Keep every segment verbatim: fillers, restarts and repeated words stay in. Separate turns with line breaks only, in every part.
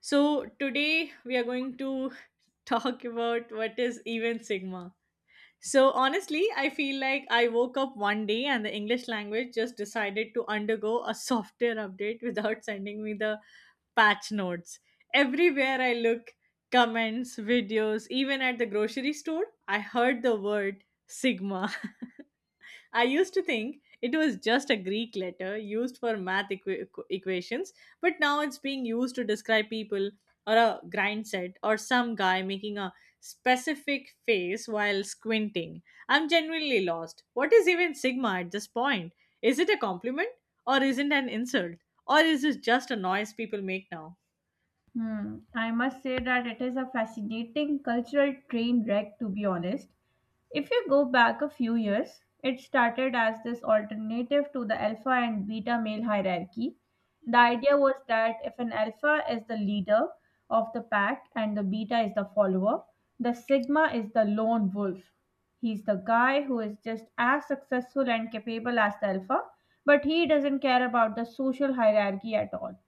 So, today we are going to talk about what is even sigma. So, honestly, I feel like I woke up one day and the English language just decided to undergo a software update without sending me the patch notes. Everywhere I look, comments, videos, even at the grocery store, I heard the word sigma. I used to think it was just a Greek letter used for math equa- equ- equations, but now it's being used to describe people or a grind set or some guy making a specific face while squinting. I'm genuinely lost. What is even sigma at this point? Is it a compliment or is not an insult? Or is it just a noise people make now?
Hmm. I must say that it is a fascinating cultural train wreck, to be honest. If you go back a few years, it started as this alternative to the alpha and beta male hierarchy. The idea was that if an alpha is the leader of the pack and the beta is the follower, the sigma is the lone wolf. He's the guy who is just as successful and capable as the alpha, but he doesn't care about the social hierarchy at all.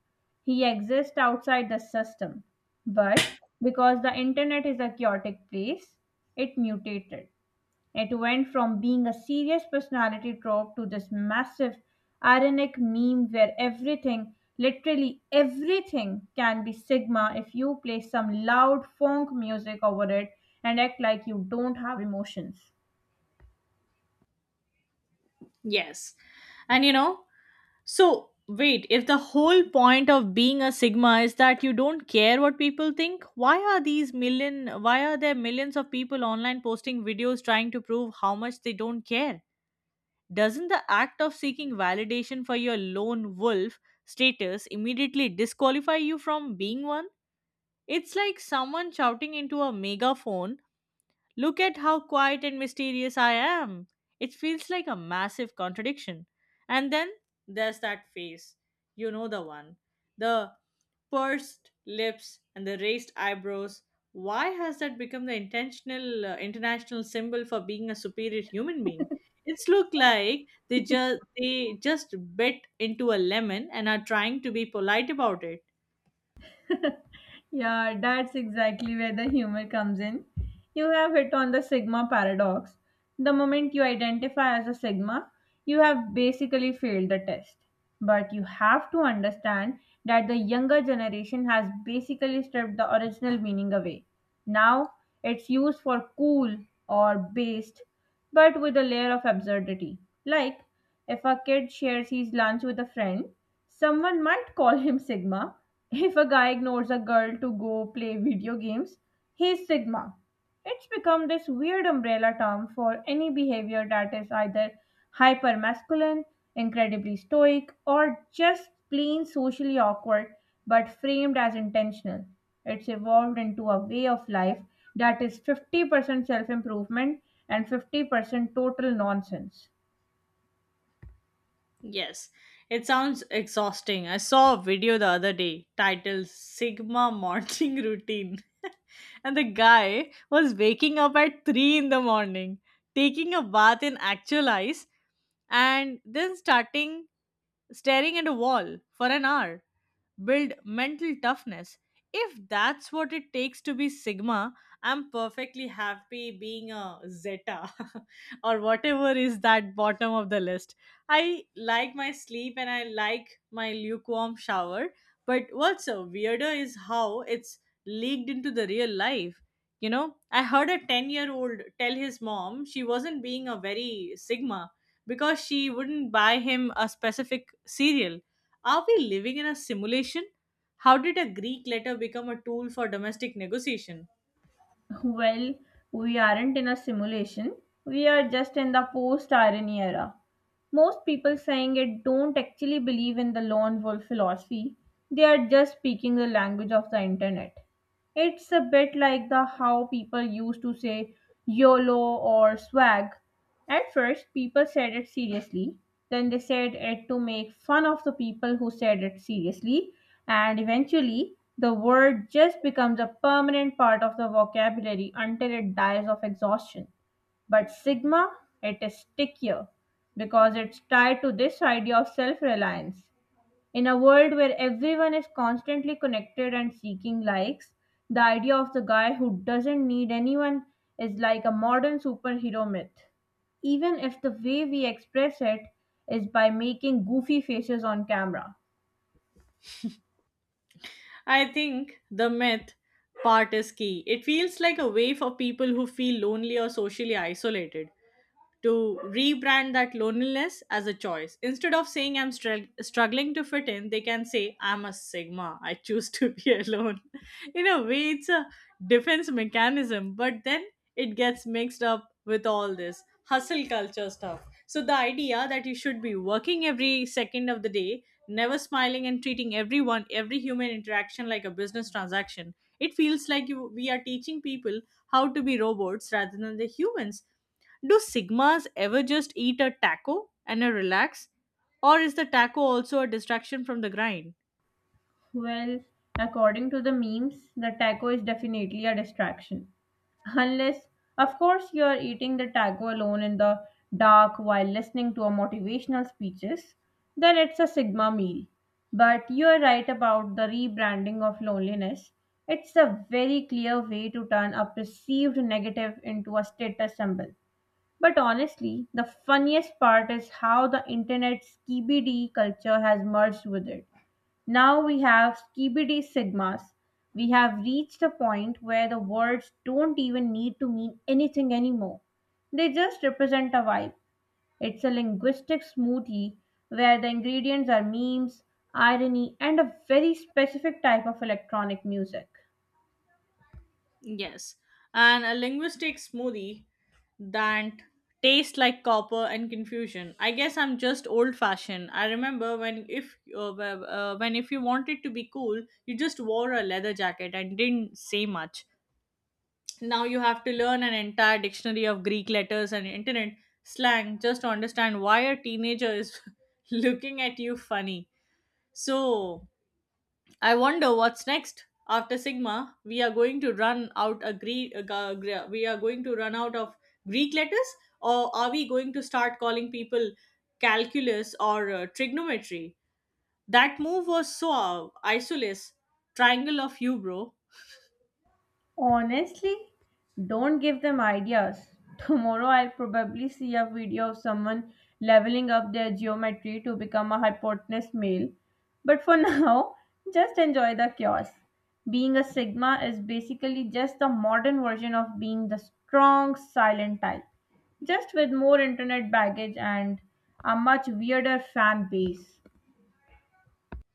He exists outside the system, but because the internet is a chaotic place, it mutated. It went from being a serious personality trope to this massive ironic meme where everything, literally everything, can be Sigma if you play some loud funk music over it and act like you don't have emotions.
Yes. And you know, So, wait, if the whole point of being a sigma is that you don't care what people think, why are these million why are there millions of people online posting videos trying to prove how much they don't care? Doesn't the act of seeking validation for your lone wolf status immediately disqualify you from being one? It's like someone shouting into a megaphone, look at how quiet and mysterious I am. It feels like a massive contradiction. And then there's that face. You know the one. The pursed lips and the raised eyebrows. Why has that become the intentional uh, international symbol for being a superior human being? It's look like they just they just bit into a lemon and are trying to be polite about it.
Yeah, that's exactly where the humor comes in. You have hit on the sigma paradox. The moment you identify as a sigma, you have basically failed the test. But you have to understand that the younger generation has basically stripped the original meaning away. Now it's used for cool or based, but with a layer of absurdity. Like, if a kid shares his lunch with a friend, someone might call him Sigma. If a guy ignores a girl to go play video games, he's Sigma. It's become this weird umbrella term for any behavior that is either hyper masculine, incredibly stoic, or just plain socially awkward but framed as intentional. It's evolved into a way of life that is fifty percent self improvement and fifty percent total nonsense.
Yes, it sounds exhausting. I saw a video the other day titled Sigma Morning Routine, and the guy was waking up at three in the morning, taking a bath in actual ice, and then starting staring at a wall for an hour build mental toughness. If that's what it takes to be Sigma, I'm perfectly happy being a Zeta or whatever is that bottom of the list. I like my sleep and I like my lukewarm shower, but what's a weirder is how it's leaked into the real life. You know, I heard a ten year old tell his mom she wasn't being a very Sigma because she wouldn't buy him a specific cereal. Are we living in a simulation? How did a Greek letter become a tool for domestic negotiation?
Well, we aren't in a simulation. We are just in the post irony era. Most people saying it don't actually believe in the lone wolf philosophy. They are just speaking the language of the internet. It's a bit like the how people used to say YOLO or swag. At first, people said it seriously, then they said it to make fun of the people who said it seriously, and eventually, the word just becomes a permanent part of the vocabulary until it dies of exhaustion. But Sigma, it is stickier because it's tied to this idea of self reliance. In a world where everyone is constantly connected and seeking likes, the idea of the guy who doesn't need anyone is like a modern superhero myth, even if the way we express it is by making goofy faces on camera.
I think the myth part is key. It feels like a way for people who feel lonely or socially isolated to rebrand that loneliness as a choice. Instead of saying I'm strugg- struggling to fit in, they can say I'm a sigma. I choose to be alone. In a way, it's a defense mechanism, but then it gets mixed up with all this hustle culture stuff. So the idea that you should be working every second of the day, never smiling and treating everyone every human interaction like a business transaction, it feels like you, we are teaching people how to be robots rather than the humans. Do sigmas ever just eat a taco and a relax, or is the taco also a distraction from the grind?
Well, according to the memes, the taco is definitely a distraction. Unless, of course, you are eating the taco alone in the dark while listening to a motivational speeches, then it's a Sigma meal. But you are right about the rebranding of loneliness. It's a very clear way to turn a perceived negative into a status symbol. But honestly, the funniest part is how the internet's K B D culture has merged with it. Now we have skibidi sigmas. We have reached a point where the words don't even need to mean anything anymore. They just represent a vibe. It's a linguistic smoothie where the ingredients are memes, irony, and a very specific type of electronic music.
Yes, and a linguistic smoothie that tastes like copper and confusion. I guess I'm just old fashioned. I remember when if uh, wh- uh, when if you wanted to be cool, you just wore a leather jacket and didn't say much. Now you have to learn an entire dictionary of Greek letters and internet slang just to understand why a teenager is looking at you funny. So I wonder what's next. After Sigma, we are going to run out a Greek. We are going to run out of Greek letters, or are we going to start calling people calculus or uh, trigonometry? That move was so uh, isolous. Triangle of you, bro.
Honestly, don't give them ideas. Tomorrow I'll probably see a video of someone leveling up their geometry to become a hypotenuse male. But for now, just enjoy the chaos. Being a Sigma is basically just the modern version of being the strong, silent type, just with more internet baggage and a much weirder fan base.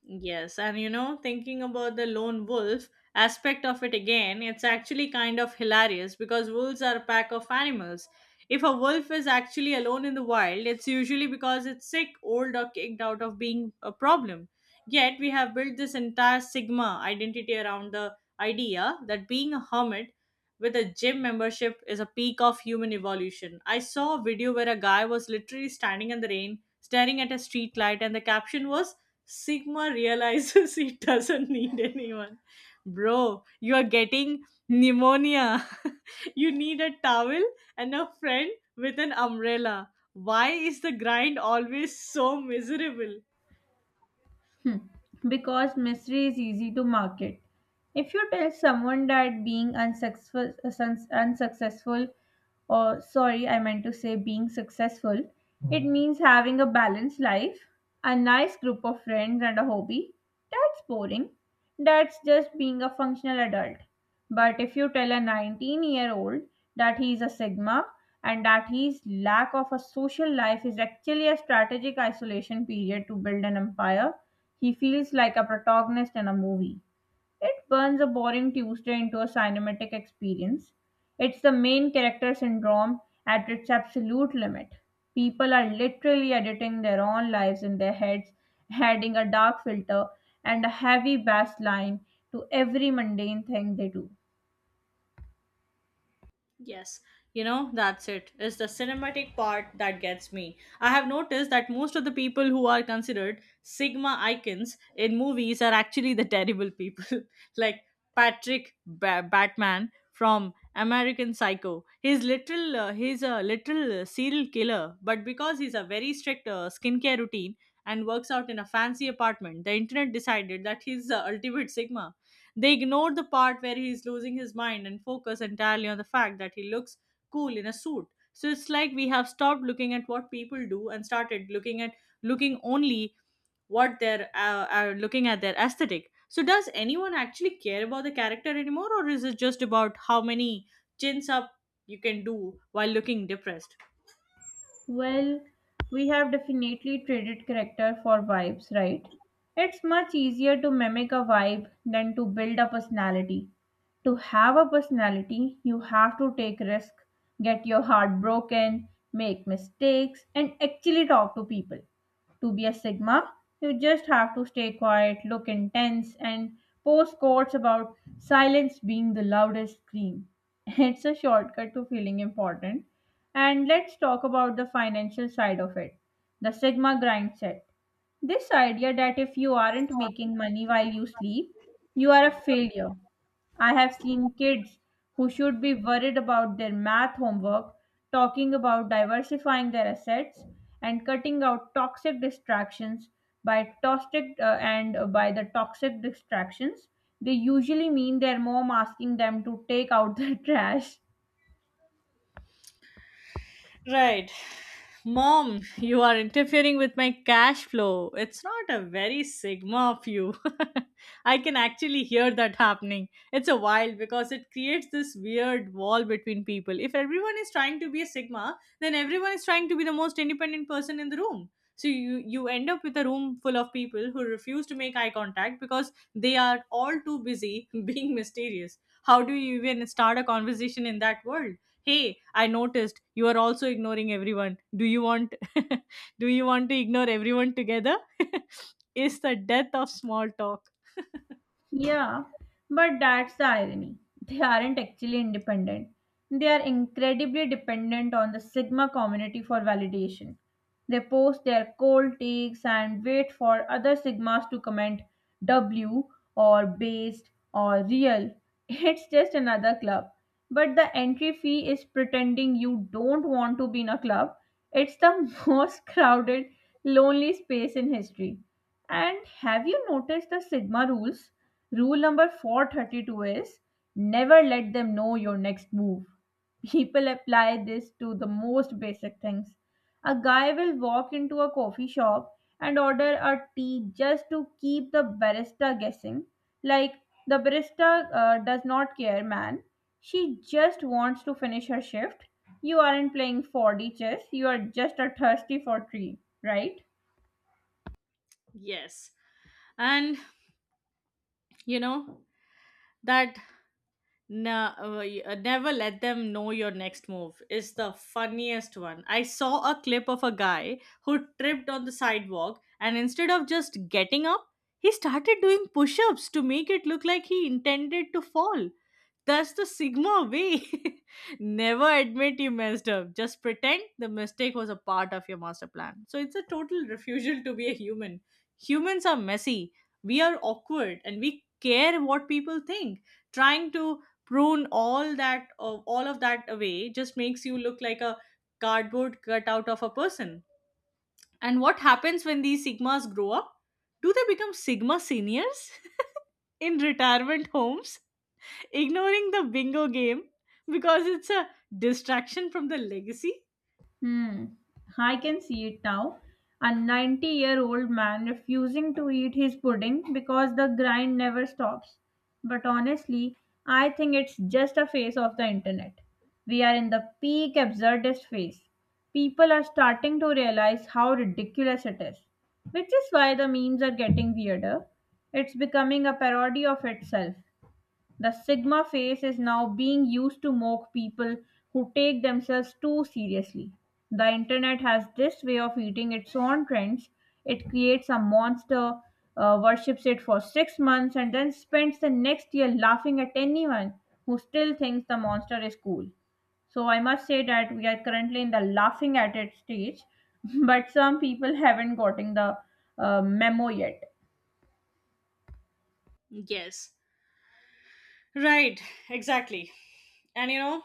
Yes, and you know, thinking about the lone wolf aspect of it again, it's actually kind of hilarious because wolves are a pack of animals. If a wolf is actually alone in the wild, it's usually because it's sick, old, or kicked out of being a problem. Yet, we have built this entire Sigma identity around the idea that being a hermit with a gym membership is a peak of human evolution. I saw a video where a guy was literally standing in the rain, staring at a street light, and the caption was, Sigma realizes he doesn't need anyone. Bro, you are getting pneumonia. You need a towel and a friend with an umbrella. Why is the grind always so miserable?
Hmm. Because mystery is easy to market. If you tell someone that being unsuccessful, sun- unsuccessful, or sorry, I meant to say being successful, it Mhm. means having a balanced life, a nice group of friends, and a hobby. That's boring. That's just being a functional adult. But if you tell a nineteen year old that he is a Sigma and that his lack of a social life is actually a strategic isolation period to build an empire, he feels like a protagonist in a movie. It burns a boring Tuesday into a cinematic experience. It's the main character syndrome at its absolute limit. People are literally editing their own lives in their heads, adding a dark filter and a heavy bass line to every mundane thing they do.
Yes, you know, that's it. It's the cinematic part that gets me. I have noticed that most of the people who are considered Sigma icons in movies are actually the terrible people. Like Patrick ba- Batman from American Psycho. He's literal uh, he's a literal uh, serial killer, but because he's a very strict uh, skincare routine and works out in a fancy apartment, the internet decided that he's the ultimate Sigma. They ignore the part where he's losing his mind and focus entirely on the fact that he looks cool in a suit. So it's like we have stopped looking at what people do and started looking at looking only what they're uh, are looking at their aesthetic. So does anyone actually care about the character anymore, or is it just about how many chins up you can do while looking depressed?
Well, we have definitely traded character for vibes, right? It's much easier to mimic a vibe than to build a personality. To have a personality, you have to take risk, get your heart broken, make mistakes, and actually talk to people. To be a Sigma, you just have to stay quiet, look intense, and post quotes about silence being the loudest scream. It's a shortcut to feeling important. And let's talk about the financial side of it, the Sigma grind set. This idea that if you aren't making money while you sleep, you are a failure. I have seen kids who should be worried about their math homework talking about diversifying their assets and cutting out toxic distractions by toxic uh, and uh, by the toxic distractions they usually mean their mom asking them to take out the trash.
Right. Mom, you are interfering with my cash flow. It's not a very sigma of you. I can actually hear that happening. It's a wild because it creates this weird wall between people. If everyone is trying to be a sigma, then everyone is trying to be the most independent person in the room. So you you end up with a room full of people who refuse to make eye contact because they are all too busy being mysterious. How do you even start a conversation in that world? Hey, I noticed you are also ignoring everyone. Do you want do you want to ignore everyone together? Is the death of small talk.
Yeah, but that's the irony. They aren't actually independent. They are incredibly dependent on the Sigma community for validation. They post their cold takes and wait for other Sigmas to comment W or based or real. It's just another club. But the entry fee is pretending you don't want to be in a club. It's the most crowded, lonely space in history. And have you noticed the Sigma rules? Rule number four thirty-two is never let them know your next move. People apply this to the most basic things. A guy will walk into a coffee shop and order a tea just to keep the barista guessing. Like, the barista uh, does not care, man. She just wants to finish her shift. You aren't playing four D chess, you are just a thirsty for tea, right?
Yes, and you know that na- uh, y- uh, never let them know your next move is the funniest one. I saw a clip of a guy who tripped on the sidewalk, and instead of just getting up, he started doing push-ups to make it look like he intended to fall. That's the Sigma way. Never admit you messed up. Just pretend the mistake was a part of your master plan. So it's a total refusal to be a human. Humans are messy. We are awkward and we care what people think. Trying to prune all that of all of that away just makes you look like a cardboard cutout of a person. And what happens when these sigmas grow up? Do they become sigma seniors in retirement homes? Ignoring the bingo game because it's a distraction from the legacy?
Hmm. I can see it now. A ninety year old man refusing to eat his pudding because the grind never stops. But honestly, I think it's just a phase of the internet. We are in the peak absurdist phase. People are starting to realize how ridiculous it is, which is why the memes are getting weirder. It's becoming a parody of itself. The Sigma face is now being used to mock people who take themselves too seriously. The internet has this way of eating its own trends. It creates a monster, uh, worships it for six months, and then spends the next year laughing at anyone who still thinks the monster is cool. So I must say that we are currently in the laughing at it stage, but some people haven't gotten the uh, memo yet.
Yes. Right, exactly. And you know,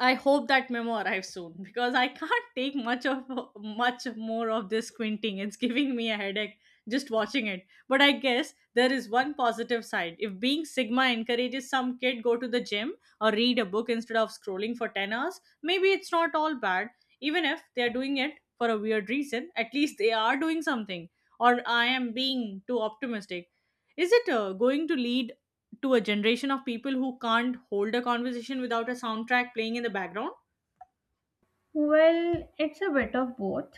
I hope that memo arrives soon because I can't take much of much more of this squinting. It's giving me a headache just watching it. But I guess there is one positive side. If being sigma encourages some kid go to the gym or read a book instead of scrolling for ten hours, maybe it's not all bad. Even if they are doing it for a weird reason, at least they are doing something. Or I am being too optimistic. Is it uh, going to lead to a generation of people who can't hold a conversation without a soundtrack playing in the background?
Well, it's a bit of both.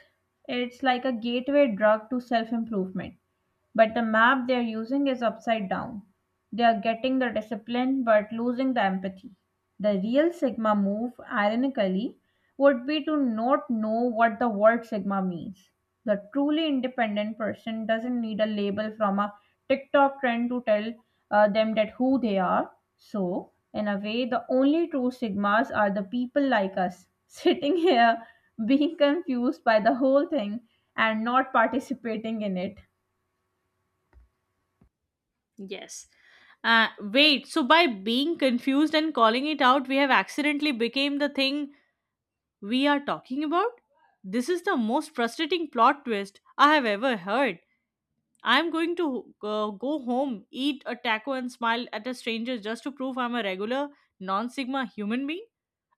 It's like a gateway drug to self improvement. But the map they're using is upside down. They are getting the discipline but losing the empathy. The real Sigma move, ironically, would be to not know what the word Sigma means. The truly independent person doesn't need a label from a TikTok trend to tell uh, them that who they are. So, in a way, the only true Sigmas are the people like us, sitting here being confused by the whole thing and not participating in it.
Yes. Uh, wait, so by being confused and calling it out, we have accidentally became the thing we are talking about? This is the most frustrating plot twist I have ever heard. I'm going to uh, go home, eat a taco, and smile at a stranger just to prove I'm a regular, non Sigma human being.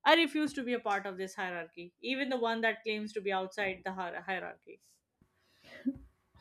I refuse to be a part of this hierarchy, even the one that claims to be outside the hier- hierarchy.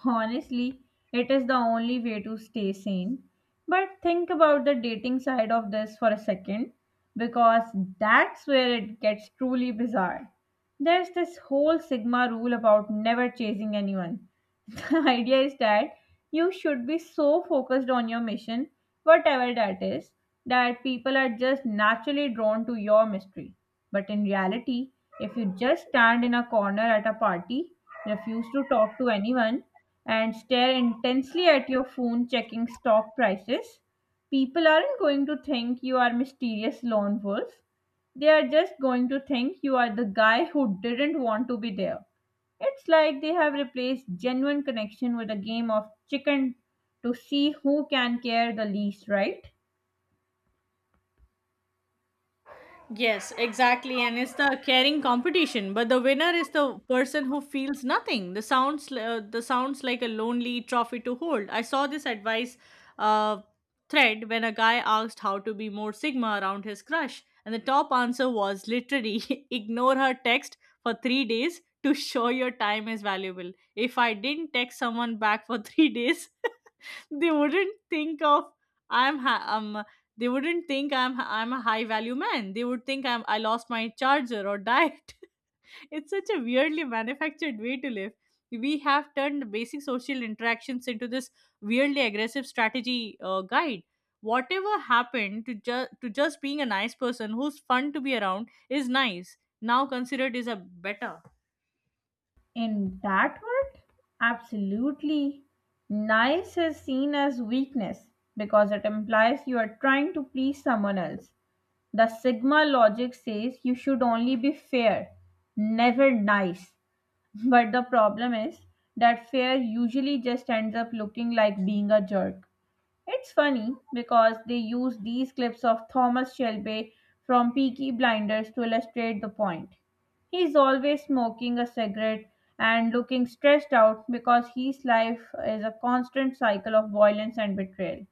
Honestly, it is the only way to stay sane. But think about the dating side of this for a second, because that's where it gets truly bizarre. There's this whole Sigma rule about never chasing anyone. The idea is that you should be so focused on your mission, whatever that is, that people are just naturally drawn to your mystery. But in reality, if you just stand in a corner at a party, refuse to talk to anyone, and stare intensely at your phone checking stock prices, people aren't going to think you are mysterious lone wolf. They are just going to think you are the guy who didn't want to be there. It's like they have replaced genuine connection with a game of chicken to see who can care the least, right?
Yes, exactly. And it's the caring competition, but the winner is the person who feels nothing. The sounds uh, the sounds like a lonely trophy to hold. I saw this advice uh, thread when a guy asked how to be more sigma around his crush, and the top answer was literally ignore her text for three days to show your time is valuable. If I didn't text someone back for three days, they wouldn't think of I'm ha- um they wouldn't think I'm I'm a high value man. They would think I'm I lost my charger or diet. It's such a weirdly manufactured way to live. We have turned basic social interactions into this weirdly aggressive strategy uh, guide. Whatever happened to just to just being a nice person who's fun to be around is nice now considered is a better.
In that world, absolutely. Nice is seen as weakness because it implies you are trying to please someone else. The Sigma logic says you should only be fair, never nice. But the problem is that fair usually just ends up looking like being a jerk. It's funny because they use these clips of Thomas Shelby from Peaky Blinders to illustrate the point. He's always smoking a cigarette and looking stressed out because his life is a constant cycle of violence and betrayal.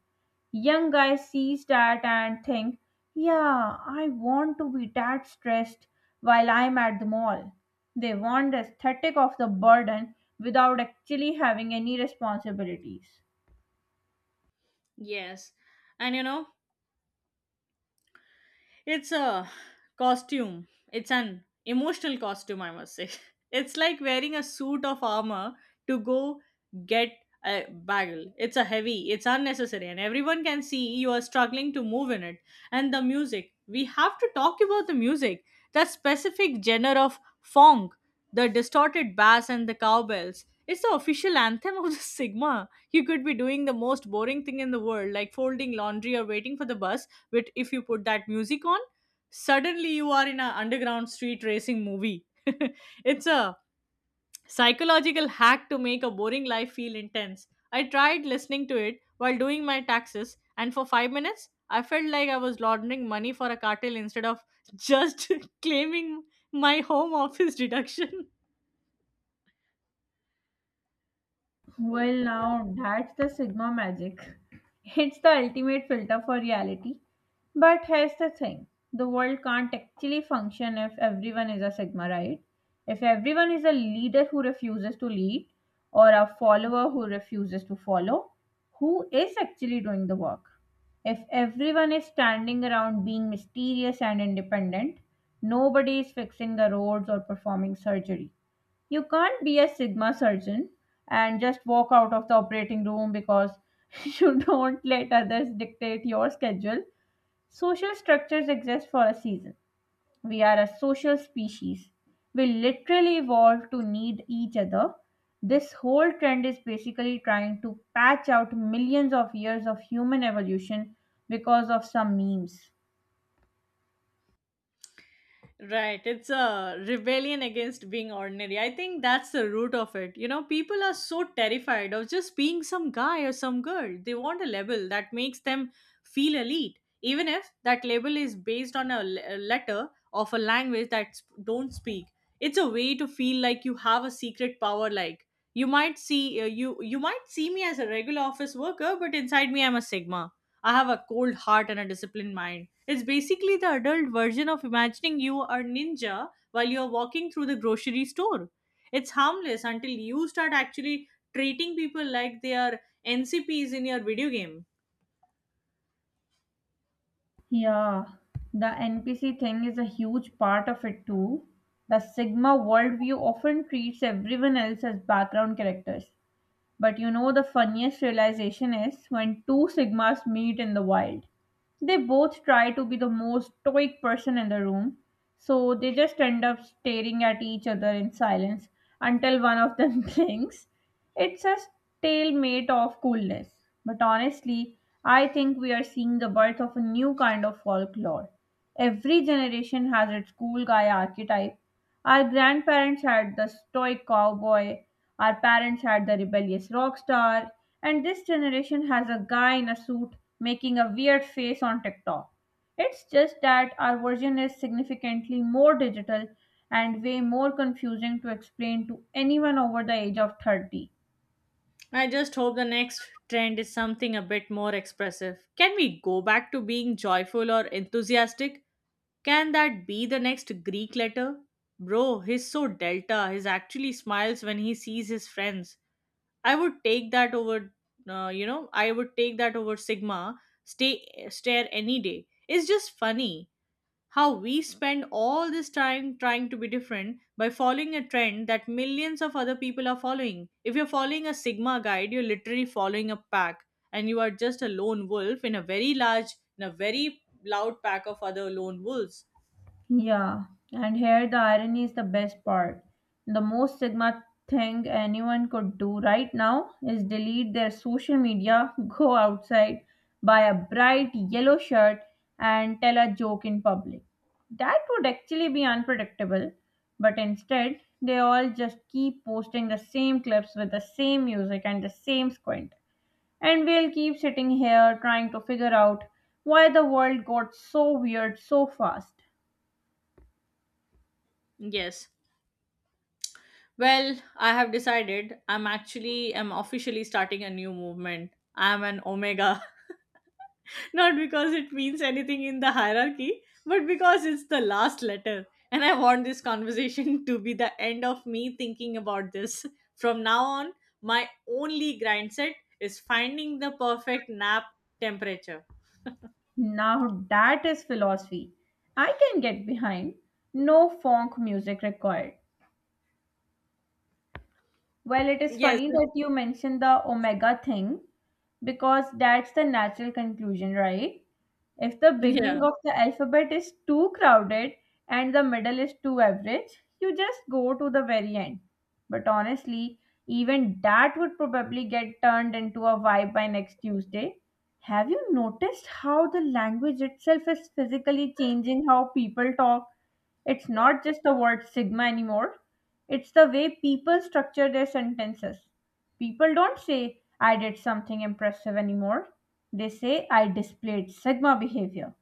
Young guys sees that and think, yeah, I want to be that stressed while I'm at the mall. They want the aesthetic of the burden without actually having any responsibilities.
Yes. And you know, it's a costume. It's an emotional costume, I must say. It's like wearing a suit of armor to go get a bagel. It's a heavy, it's unnecessary, and everyone can see you are struggling to move in it. And the music. We have to talk about the music. That specific genre of funk, the distorted bass and the cowbells. It's the official anthem of the Sigma. You could be doing the most boring thing in the world, like folding laundry or waiting for the bus, but if you put that music on, suddenly you are in an underground street racing movie. It's a psychological hack to make a boring life feel intense. I tried listening to it while doing my taxes, and for five minutes I felt like I was laundering money for a cartel instead of just claiming my home office deduction. Oh
Well,
god.
now that's the Sigma magic. It's the ultimate filter for reality. But here's the thing, the world can't actually function if everyone is a Sigma, right? If everyone is a leader who refuses to lead or a follower who refuses to follow, who is actually doing the work? If everyone is standing around being mysterious and independent, nobody is fixing the roads or performing surgery. You can't be a Sigma surgeon and just walk out of the operating room because you don't let others dictate your schedule. Social structures exist for a season. We are a social species. We literally evolved to need each other. This whole trend is basically trying to patch out millions of years of human evolution because of some memes.
Right. It's a rebellion against being ordinary. I think that's the root of it. You know, people are so terrified of just being some guy or some girl. They want a label that makes them feel elite, even if that label is based on a le- a letter of a language that sp- don't speak. It's a way to feel like you have a secret power. Like you might see uh, you you might see me as a regular office worker, but inside me I'm a sigma. I have a cold heart and a disciplined mind. It's basically the adult version of imagining you are ninja while you're walking through the grocery store. It's harmless until you start actually treating people like they are N C Ps in your video game.
Yeah, the N P C thing is a huge part of it too. The Sigma worldview often treats everyone else as background characters. But you know, the funniest realization is when two Sigmas meet in the wild. They both try to be the most stoic person in the room, so they just end up staring at each other in silence until one of them blinks. It's a stalemate of coolness. But honestly, I think we are seeing the birth of a new kind of folklore. Every generation has its cool guy archetype, our grandparents had the stoic cowboy, our parents had the rebellious rock star, and this generation has a guy in a suit making a weird face on TikTok. It's just that our version is significantly more digital and way more confusing to explain to anyone over the age of thirty.
I just hope the next trend is something a bit more expressive. Can we go back to being joyful or enthusiastic? Can that be the next Greek letter? Bro, he's so delta. He actually smiles when he sees his friends. I would take that over, uh, you know, I would take that over Sigma, stay, stare any day. It's just funny how we spend all this time trying to be different by following a trend that millions of other people are following. If you're following a Sigma guide, you're literally following a pack, and you are just a lone wolf in a very large, in a very loud pack of other lone wolves.
Yeah, and here the irony is the best part. The most Sigma thing anyone could do right now is delete their social media, go outside, buy a bright yellow shirt, and tell a joke in public. That would actually be unpredictable, but instead, they all just keep posting the same clips with the same music and the same squint. And we'll keep sitting here trying to figure out why the world got so weird so fast.
Yes. Well, I have decided I'm actually am officially starting a new movement. I'm an omega. Not because it means anything in the hierarchy, but because it's the last letter. And I want this conversation to be the end of me thinking about this. From now on, my only grind set is finding the perfect nap temperature.
Now that is philosophy I can get behind. No funk music required. Well, it is
Yes.
funny
It's-
that you mentioned the omega thing because that's the natural conclusion, right? If the
yeah.
beginning of the alphabet is too crowded and the middle is too average, you just go to the very end. But honestly, even that would probably get turned into a vibe by next Tuesday. Have you noticed how the language itself is physically changing how people talk? It's not just the word sigma anymore. It's the way people structure their sentences. People don't say, I did something impressive anymore. They say, I displayed Sigma behavior.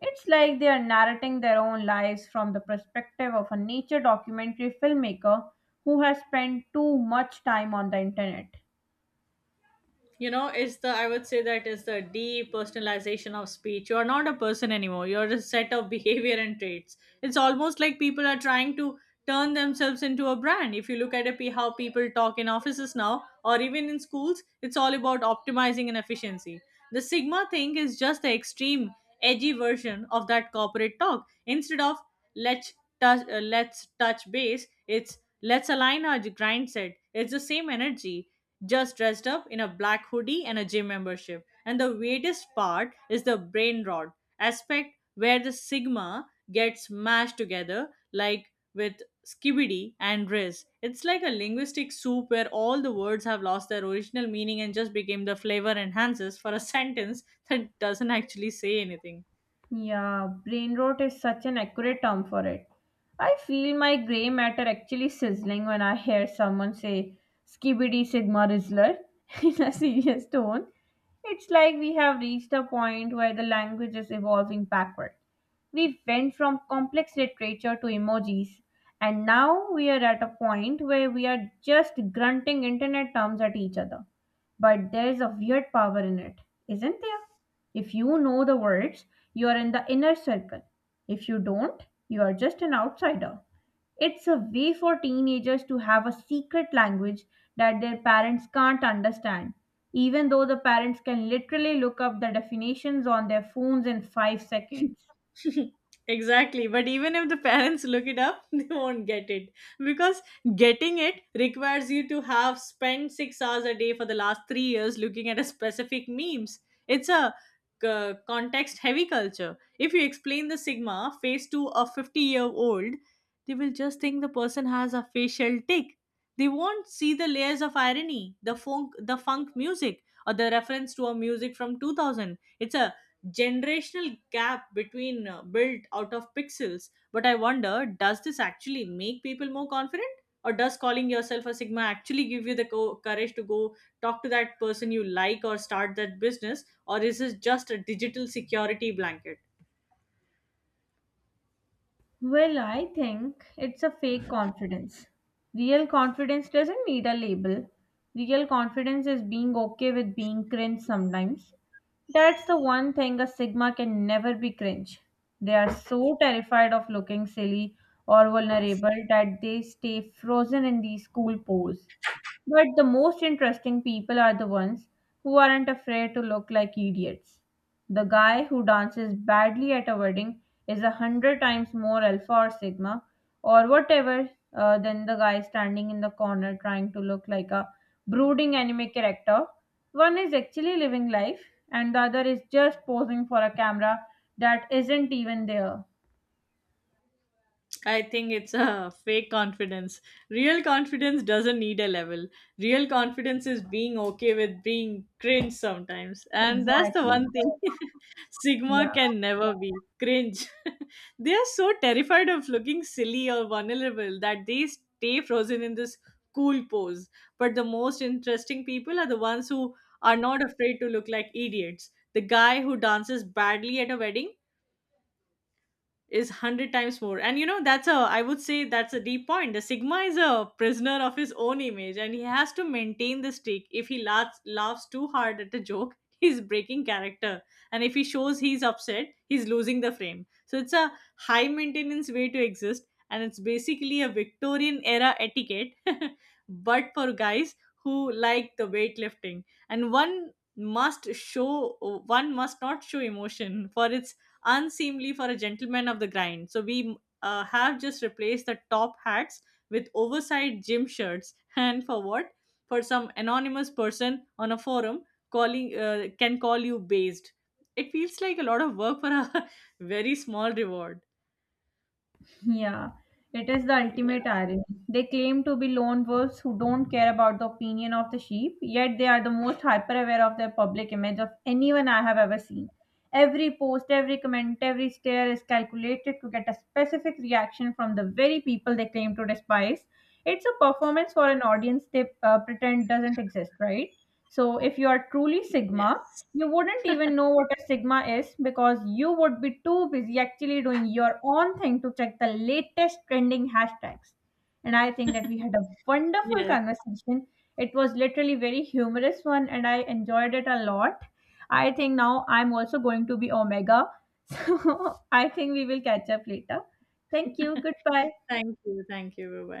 It's like they are narrating their own lives from the perspective of a nature documentary filmmaker who has spent too much time on the internet.
You know, it's the— I would say that is the depersonalization of speech. You are not a person anymore, you're a set of behavior and traits. It's almost like people are trying to turn themselves into a brand. If you look at a p how people talk in offices now or even in schools, it's all about optimizing and efficiency. The sigma thing is just the extreme edgy version of that corporate talk. Instead of let's touch, uh, let's touch base, it's let's align our grind set. It's the same energy, just dressed up in a black hoodie and a gym membership. And the weirdest part is the brain rot aspect, where the sigma gets mashed together, like with skibidi and riz. It's like a linguistic soup where all the words have lost their original meaning and just became the flavor enhancers for a sentence that doesn't actually say anything.
Yeah, brain rot is such an accurate term for it. I feel my grey matter actually sizzling when I hear someone say skibidi sigma rizzler in a serious tone. It's like we have reached a point where the language is evolving backward. We went from complex literature to emojis, and now we are at a point where we are just grunting internet terms at each other, but there's a weird power in it, isn't there? If you know the words, you are in the inner circle. If you don't, you are just an outsider. It's a way for teenagers to have a secret language that their parents can't understand, even though the parents can literally look up the definitions on their phones in five seconds.
Exactly. But even if the parents look it up, they won't get it. Because getting it requires you to have spent six hours a day for the last three years looking at a specific memes. It's a uh, context heavy culture. If you explain the Sigma face to a fifty year old, they will just think the person has a facial tic. They won't see the layers of irony, the funk, the funk music, or the reference to a music from two thousand. It's a generational gap between uh, built out of pixels. But I wonder, does this actually make people more confident, or does calling yourself a sigma actually give you the co- courage to go talk to that person you like or start that business, or is this just a digital security blanket?
Well, I think it's a fake confidence. Real confidence doesn't need a label. Real confidence is being okay with being cringe sometimes. That's the one thing a Sigma can never be cringe. They are so terrified of looking silly or vulnerable that they stay frozen in these cool pose. But the most interesting people are the ones who aren't afraid to look like idiots. The guy who dances badly at a wedding is a hundred times more alpha or sigma or whatever uh, than the guy standing in the corner trying to look like a brooding anime character. One is actually living life, and the other is just posing for a camera that isn't even there.
I think it's a fake confidence. Real confidence doesn't need a level. Real confidence is being okay with being cringe sometimes. And that's the
Exactly.
one thing
Yeah.
Sigma can never be, cringe. They are so terrified of looking silly or vulnerable that they stay frozen in this cool pose. But the most interesting people are the ones who are not afraid to look like idiots. The guy who dances badly at a wedding is one hundred times more. And you know, that's a— I would say that's a deep point. The sigma is a prisoner of his own image, and he has to maintain the streak. If he laughs laughs too hard at a joke, he's breaking character, and if he shows he's upset, he's losing the frame. So it's a high maintenance way to exist, and it's basically a victorian era etiquette. But for guys who like the weightlifting, and one must show one must not show emotion, for it's unseemly for a gentleman of the grind. So we uh, have just replaced the top hats with oversized gym shirts. And for what? For some anonymous person on a forum calling uh, can call you based. It feels like a lot of work for a very small reward.
Yeah, it is the ultimate
Yes.
irony. They claim to be lone wolves who don't care about the opinion of the sheep, yet they are the most hyper aware of their public image of anyone I have ever seen. Every post, every comment, every stare is calculated to get a specific reaction from the very people they claim to despise. It's a performance for an audience they uh, pretend doesn't exist, right? So, if you are truly Sigma,
Yes.
you wouldn't even know what a sigma is because you would be too busy actually doing your own thing to check the latest trending hashtags. And I think that we had a wonderful
Yes.
conversation. It was literally very humorous one and I enjoyed it a lot. I think now I'm also going to be Omega. So I think we will catch up later. Thank you. Goodbye.
Thank you. Thank you. Bye